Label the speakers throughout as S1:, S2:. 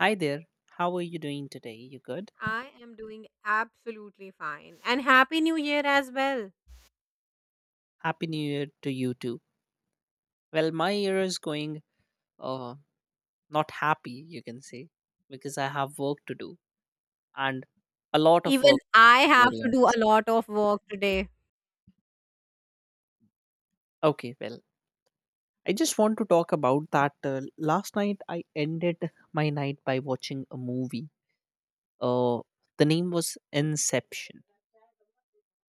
S1: Hi there. How are you doing today? You good?
S2: I am doing absolutely fine. And Happy New Year as well.
S1: Happy New Year to you too. Well, my year is going uh not happy, you can say, because I have work to do and a lot of
S2: Even
S1: work
S2: I
S1: to be
S2: have
S1: very
S2: to do a
S1: honest.
S2: lot of work today.
S1: Okay, well, I just want to talk about that last night I ended my night by watching a movie. Uh the name was Inception,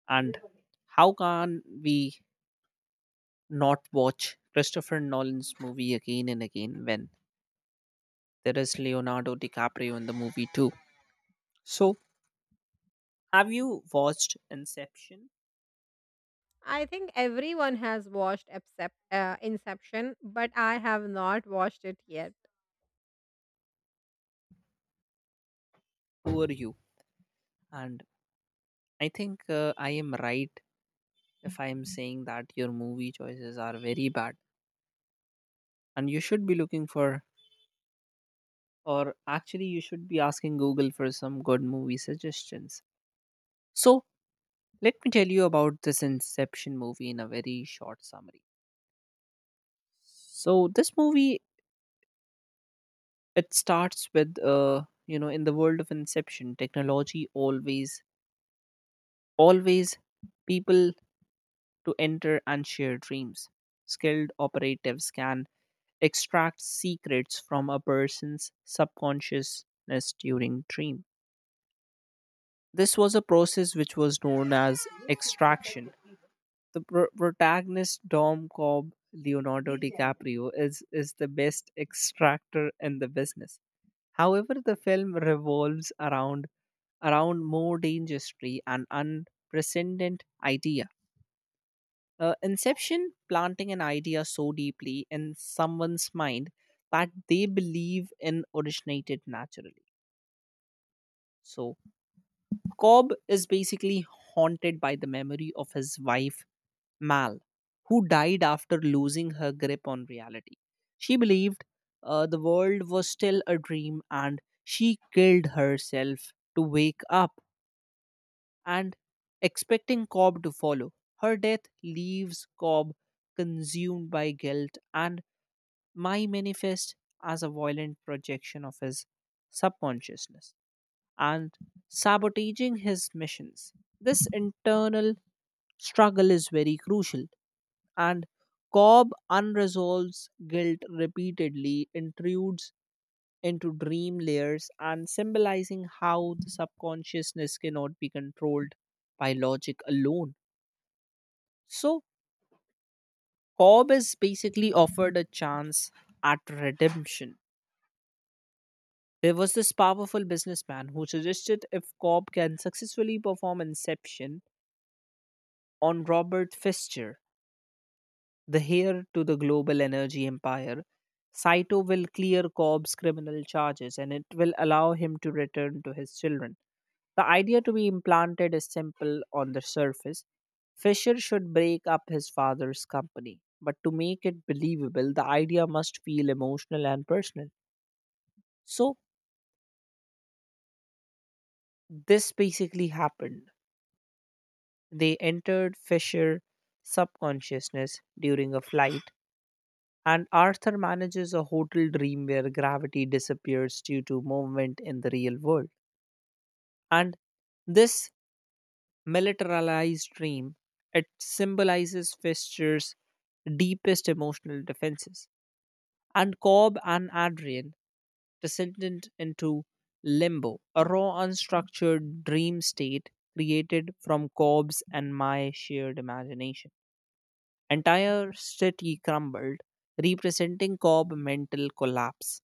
S1: and how can we not watch Christopher Nolan's movie again and again when there is Leonardo DiCaprio in the movie too? So, have you watched Inception?
S2: I think everyone has watched except Inception, but I have not watched it yet.
S1: Who are you? And I think I am right if I am saying that your movie choices are very bad. And you should be looking for, or actually, you should be asking Google for some good movie suggestions. So, let me tell you about this Inception movie in a very short summary. So, this movie, it starts with in the world of inception technology, always always people to enter and share dreams. Skilled operatives can extract secrets from a person's subconsciousness during dream. This was a process which was known as extraction. The protagonist Dom Cobb, Leonardo DiCaprio, is the best extractor in the business. However, the film revolves around more dangerously and unprecedented idea. Inception, planting an idea so deeply in someone's mind that they believe in originated naturally. So, Cobb is basically haunted by the memory of his wife, Mal, who died after losing her grip on reality. She believed the world was still a dream, and she killed herself to wake up and expecting Cobb to follow. Her death leaves Cobb consumed by guilt and my manifest as a violent projection of his subconsciousness and sabotaging his missions. This internal struggle is very crucial, and Cobb unresolves guilt repeatedly intrudes into dream layers and symbolizing how the subconsciousness cannot be controlled by logic alone. So, Cobb is basically offered a chance at redemption. There was this powerful businessman who suggested if Cobb can successfully perform inception on Robert Fischer, the heir to the global energy empire, Saito will clear Cobb's criminal charges and it will allow him to return to his children. The idea to be implanted is simple on the surface. Fisher should break up his father's company, but to make it believable, the idea must feel emotional and personal. So, this basically happened. They entered Fisher's subconsciousness during a flight, and Arthur manages a hotel dream where gravity disappears due to movement in the real world. And this militarized dream, it symbolizes Fisher's deepest emotional defenses. And Cobb and Adrian descended into limbo, a raw, unstructured dream state created from Cobb's and my shared imagination. Entire city crumbled, representing Cobb mental collapse.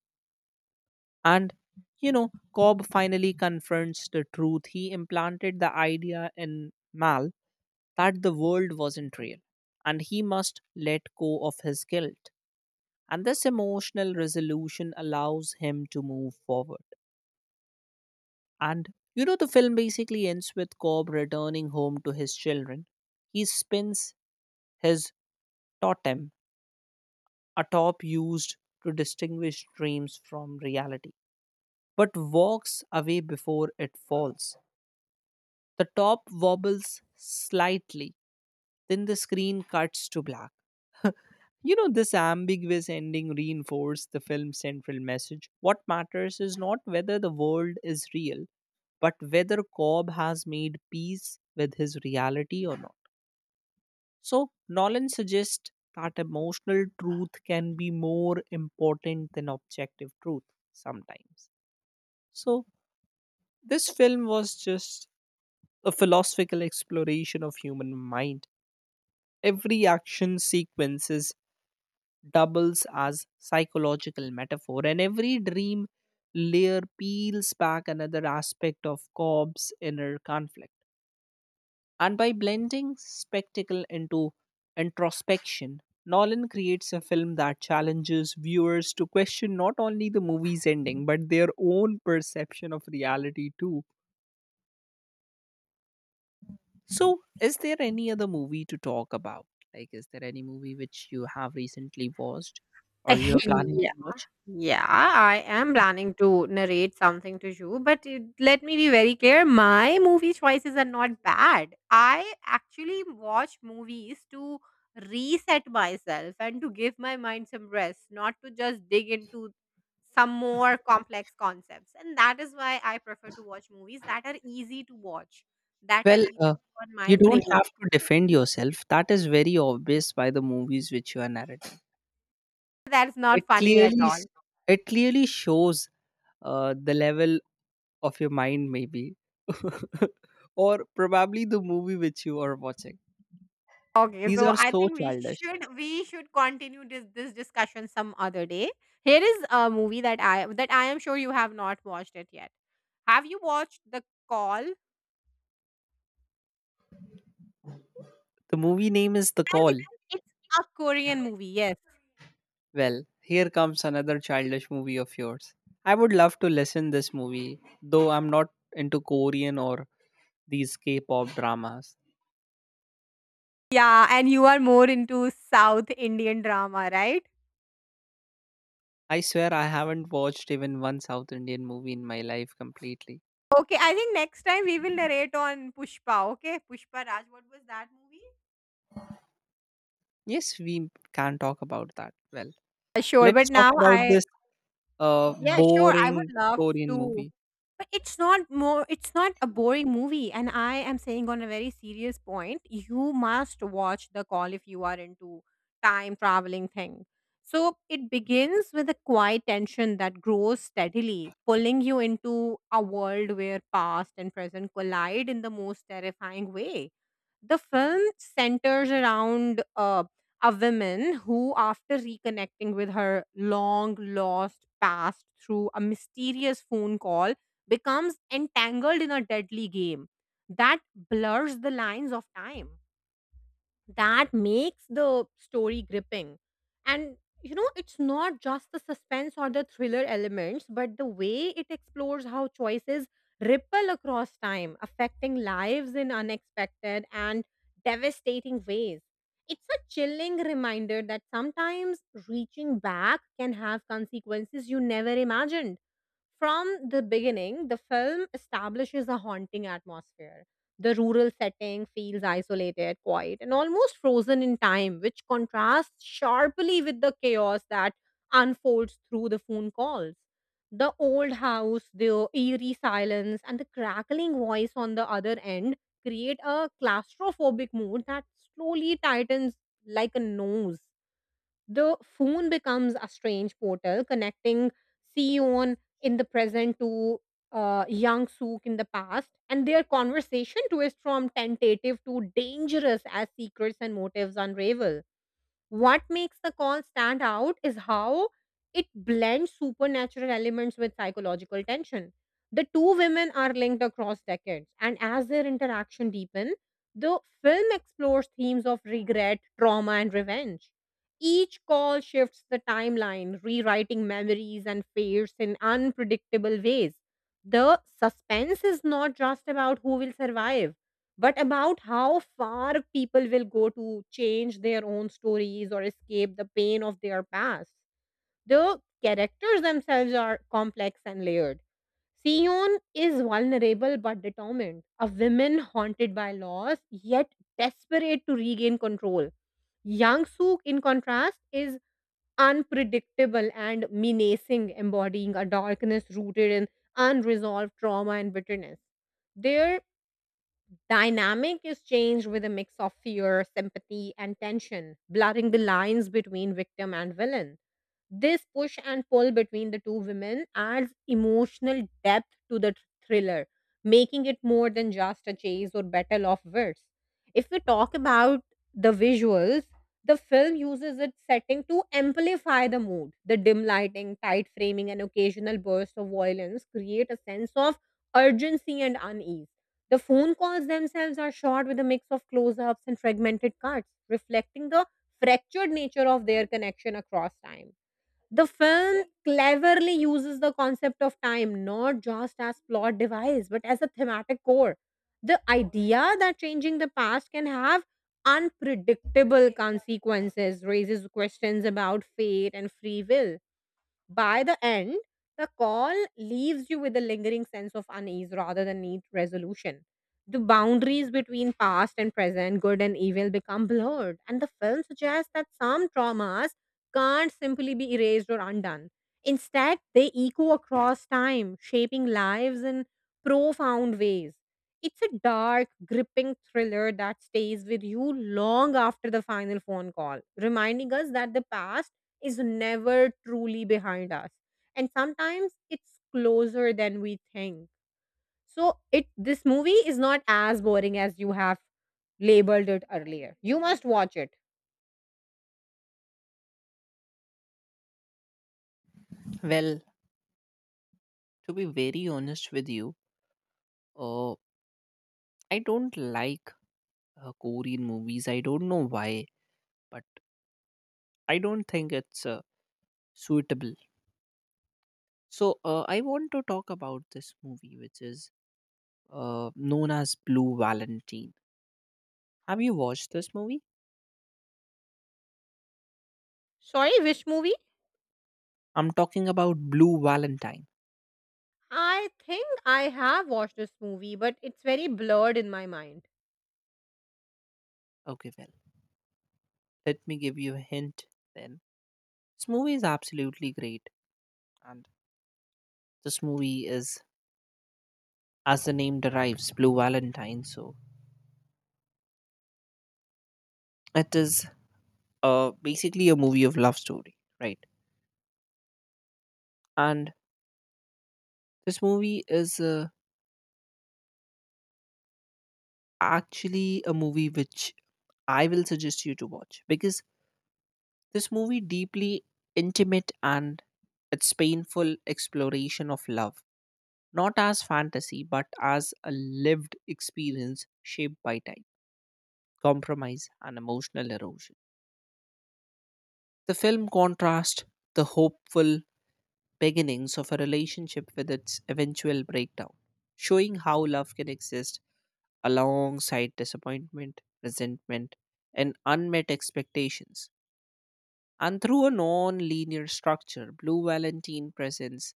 S1: And, you know, Cobb finally confronts the truth. He implanted the idea in Mal that the world wasn't real, and he must let go of his guilt. And this emotional resolution allows him to move forward. And, you know, the film basically ends with Cobb returning home to his children. He spins his totem, a top used to distinguish dreams from reality, but walks away before it falls. The top wobbles slightly, then the screen cuts to black. You know, this ambiguous ending reinforced the film's central message. What matters is not whether the world is real, but whether Cobb has made peace with his reality or not. So, Nolan suggests that emotional truth can be more important than objective truth sometimes. So, this film was just a philosophical exploration of human mind. Every action sequences doubles as psychological metaphor, and every dream layer peels back another aspect of Cobb's inner conflict. And by blending spectacle into introspection, Nolan creates a film that challenges viewers to question not only the movie's ending, but their own perception of reality too. So, is there any other movie to talk about? Like, is there any movie which you have recently watched or you are planning to watch?
S2: Yeah, I am planning to narrate something to you, but it, let me be very clear. My movie choices are not bad. I actually watch movies to reset myself and to give my mind some rest, not to just dig into some more complex concepts. And that is why I prefer to watch movies that are easy to watch, that are
S1: Well,
S2: easy on my
S1: you
S2: brain.
S1: don't have to defend yourself. That is very obvious by the movies which you are narrating.
S2: That's
S1: It
S2: not funny at
S1: clearly,
S2: all.
S1: s- it clearly shows the level of your mind, maybe, or probably the movie which you are watching.
S2: Okay,
S1: These
S2: so
S1: are
S2: I
S1: so
S2: think we
S1: childish.
S2: should we should continue this discussion some other day. Here is a movie that I am sure you have not watched it yet. Have you watched The Call? Well,
S1: The movie name is The Call.
S2: it's it's a Korean movie, yes.
S1: Well, here comes another childish movie of yours. I would love to listen this movie, though I'm not into Korean or these K-pop dramas.
S2: Yeah, and you are more into South Indian drama, right?
S1: I swear I haven't watched even one South Indian movie in my life completely.
S2: Okay, I think next time we will narrate on Pushpa. Okay, Pushpa Raj, what was that movie?
S1: Yes, we can talk about that. Well,
S2: Sure, but
S1: let's talk
S2: now
S1: about
S2: I,
S1: this uh,
S2: yeah, sure, I
S1: boring
S2: would love
S1: Korean
S2: to.
S1: movie.
S2: But it's not more it's not a boring movie, and I am saying on a very serious point, you must watch The Call if you are into time traveling thing. So it begins with a quiet tension that grows steadily, pulling you into a world where past and present collide in the most terrifying way. The film centers around a woman who, after reconnecting with her long lost past through a mysterious phone call, becomes entangled in a deadly game that blurs the lines of time that makes the story gripping. And it's not just the suspense or the thriller elements, but the way it explores how choices ripple across time, affecting lives in unexpected and devastating ways. It's a chilling reminder that sometimes reaching back can have consequences you never imagined. From the beginning, the film establishes a haunting atmosphere. The rural setting feels isolated, quiet, and almost frozen in time, which contrasts sharply with the chaos that unfolds through the phone calls. The old house, the eerie silence, and the crackling voice on the other end create a claustrophobic mood that slowly tightens like a nose. The phone becomes a strange portal connecting Sion in the present to young Sook in the past, and their conversation twists from tentative to dangerous as secrets and motives unravel. What makes The Call stand out is how it blends supernatural elements with psychological tension. The two women are linked across decades, and as their interaction deepens, the film explores themes of regret, trauma, and revenge. Each call shifts the timeline, rewriting memories and fates in unpredictable ways. The suspense is not just about who will survive but about how far people will go to change their own stories or escape the pain of their past. The characters themselves are complex and layered. Sion is vulnerable but determined, a woman haunted by loss yet desperate to regain control. Yang Suk, in contrast, is unpredictable and menacing, embodying a darkness rooted in unresolved trauma and bitterness. Their dynamic is changed with a mix of fear, sympathy, and tension, blurring the lines between victim and villain. This push and pull between the two women adds emotional depth to the thriller, making it more than just a chase or battle of wits. If we talk about the visuals, the film uses its setting to amplify the mood. The dim lighting, tight framing, and occasional bursts of violence create a sense of urgency and unease. The phone calls themselves are shot with a mix of close ups and fragmented cuts, reflecting the fractured nature of their connection across time. The film cleverly uses the concept of time not just as plot device but as a thematic core. The idea that changing the past can have unpredictable consequences raises questions about fate and free will. By the end, The Call leaves you with a lingering sense of unease rather than neat resolution. The boundaries between past and present, good and evil, become blurred, and the film suggests that some traumas can't simply be erased or undone. Instead, they echo across time, shaping lives in profound ways. It's a dark, gripping thriller that stays with you long after the final phone call, reminding us that the past is never truly behind us, and sometimes it's closer than we think. So it, this movie is not as boring as you have labeled it earlier. You must watch it.
S1: Well, to be very honest with you, uh, I don't like Korean movies. I don't know why, but I don't think it's suitable. So I want to talk about this movie, which is known as Blue Valentine. Have you watched this movie?
S2: Sorry, which movie?
S1: I'm talking about Blue Valentine.
S2: I think I have watched this movie, but it's very blurred in my mind.
S1: Okay, well, let me give you a hint then. This movie is absolutely great, and this movie is, as the name derives, Blue Valentine. So it is basically a movie of love story, right? And this movie is actually a movie which I will suggest you to watch because this movie deeply intimate and its painful exploration of love, not as fantasy but as a lived experience shaped by time, compromise, and emotional erosion. The film contrasts the hopeful beginnings of a relationship with its eventual breakdown, showing how love can exist alongside disappointment, resentment, and unmet expectations. And through a non linear structure, Blue Valentine presents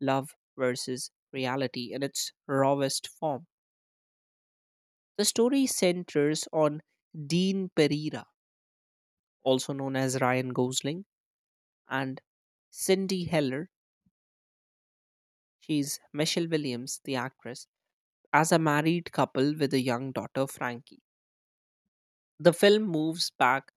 S1: love versus reality in its rawest form. The story centers on Dean Pereira, also known as Ryan Gosling, and Cindy Heller. She's Michelle Williams, the actress, as a married couple with a young daughter, Frankie. The film moves back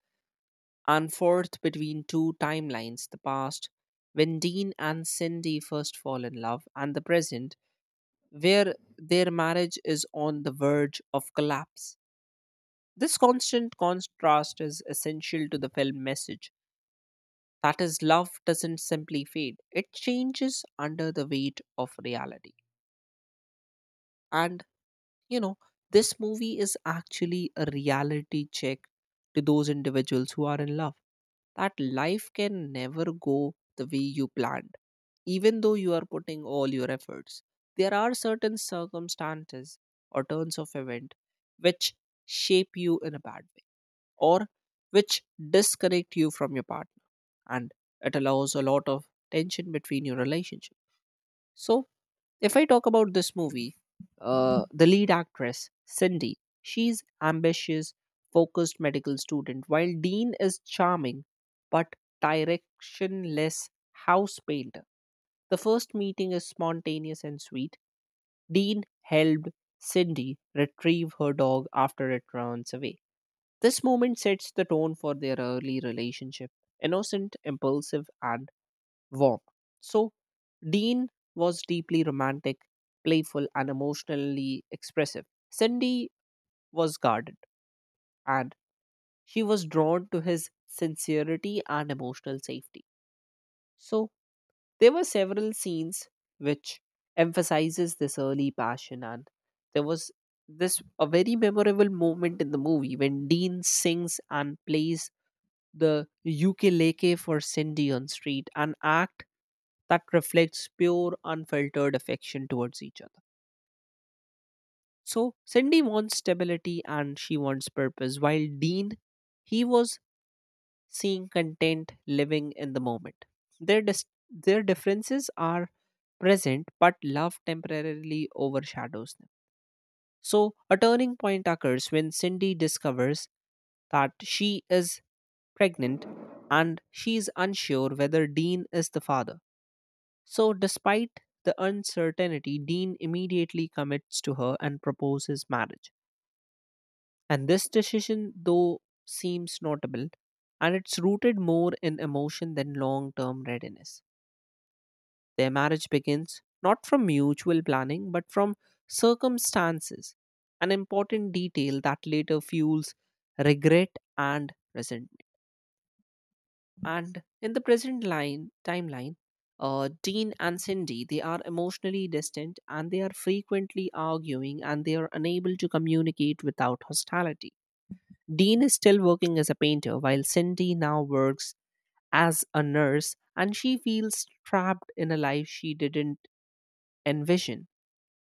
S1: and forth between two timelines, the past, when Dean and Cindy first fall in love, and the present, where their marriage is on the verge of collapse. This constant contrast is essential to the film message, that is, love doesn't simply fade, it changes under the weight of reality. And, you know, this movie is actually a reality check to those individuals who are in love that life can never go the way you planned even though you are putting all your efforts. There are certain circumstances or turns of event which shape you in a bad way or which disconnect you from your partner, and it allows a lot of tension between your relationship. So if I talk about this movie, the lead actress, Cindy, she's ambitious, focused medical student, while Dean is charming but directionless house painter. The first meeting is spontaneous and sweet. Dean helped Cindy retrieve her dog after it runs away. This moment sets the tone for their early relationship, innocent, impulsive, and warm. So, Dean was deeply romantic, playful, and emotionally expressive. Cindy was guarded, and she was drawn to his sincerity and emotional safety. So, there were several scenes which emphasizes this early passion, and there was this a very memorable moment in the movie when Dean sings and plays the ukulele for Cindy on street, an act that reflects pure, unfiltered affection towards each other. So Cindy wants stability and she wants purpose, while Dean, he was seeing content living in the moment. Their dis- their differences are present, but love temporarily overshadows them. So a turning point occurs when Cindy discovers that she is pregnant and she is unsure whether Dean is the father. So, despite the uncertainty, Dean immediately commits to her and proposes marriage. And this decision, though, seems notable, and it's rooted more in emotion than long term readiness. Their marriage begins not from mutual planning but from circumstances, an important detail that later fuels regret and resentment. And in the present line timeline, Dean and Cindy, they are emotionally distant and they are frequently arguing and they are unable to communicate without hostility. Dean is still working as a painter while Cindy now works as a nurse and she feels trapped in a life she didn't envision.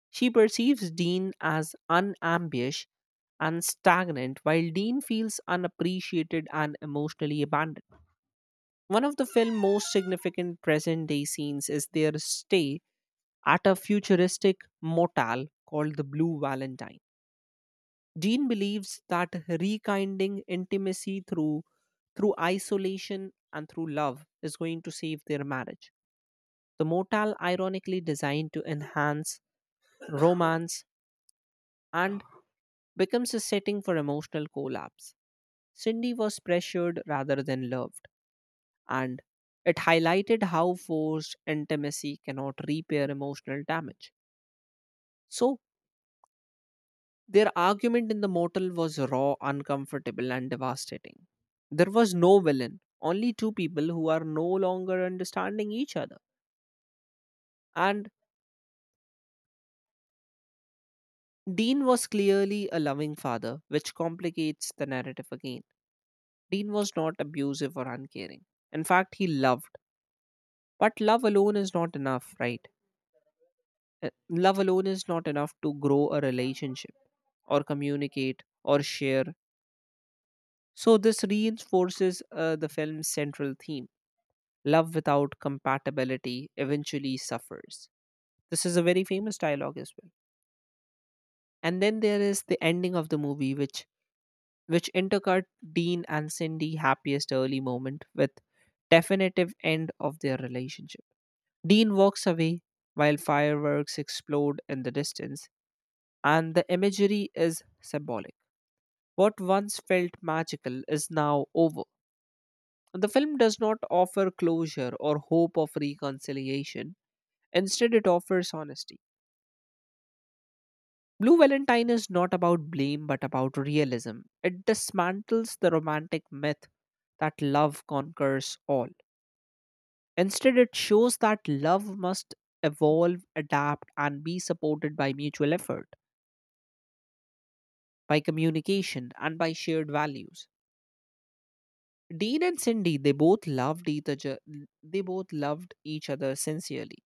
S1: She perceives Dean as unambitious and stagnant, while Dean feels unappreciated and emotionally abandoned. One of the film's most significant present day scenes is their stay at a futuristic motel called the Blue Valentine. Dean believes that rekindling intimacy through isolation and through love is going to save their marriage. The motel, ironically designed to enhance romance, and becomes a setting for emotional collapse. Cindy was pressured rather than loved, and it highlighted how forced intimacy cannot repair emotional damage. So, their argument in The Mortal was raw, uncomfortable, and devastating. There was no villain, only two people who are no longer understanding each other. And Dean was clearly a loving father, which complicates the narrative again. Dean was not abusive or uncaring. In fact, he loved. But love alone is not enough, right? Love alone is not enough to grow a relationship or communicate or share. So, this reinforces the film's central theme, love without compatibility eventually suffers. This is a very famous dialogue as well. And then there is the ending of the movie, which intercut Dean and Cindy happiest early moment with definitive end of their relationship. Dean walks away while fireworks explode in the distance, and the imagery is symbolic. What once felt magical is now over. The film does not offer closure or hope of reconciliation, instead, it offers honesty. Blue Valentine is not about blame but about realism. It dismantles the romantic myth that love conquers all. Instead, it shows that love must evolve, adapt, and be supported by mutual effort, by communication, and by shared values. Dean and Cindy, they both loved each other. They both loved each other sincerely.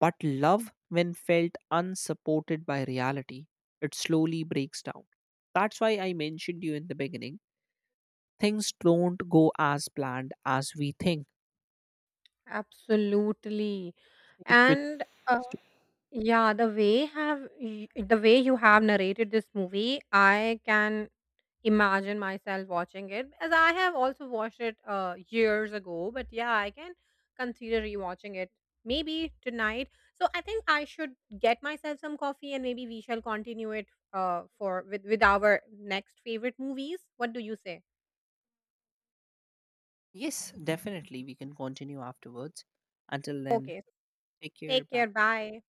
S1: But love, when felt unsupported by reality, it slowly breaks down. That's why I mentioned you in the beginning. Things don't go as planned as we think.
S2: Absolutely.
S1: Which
S2: And
S1: is true.
S2: yeah the way have y- The way you have narrated this movie, I can imagine myself watching it, as I have also watched it years ago. But yeah, I can consider rewatching it maybe tonight. So I think I should get myself some coffee, and maybe we shall continue it for with our next favorite movies. What do you say?
S1: Yes, definitely. We can continue afterwards. Until then,
S2: Okay,
S1: take care.
S2: take
S1: Bye.
S2: care. Bye.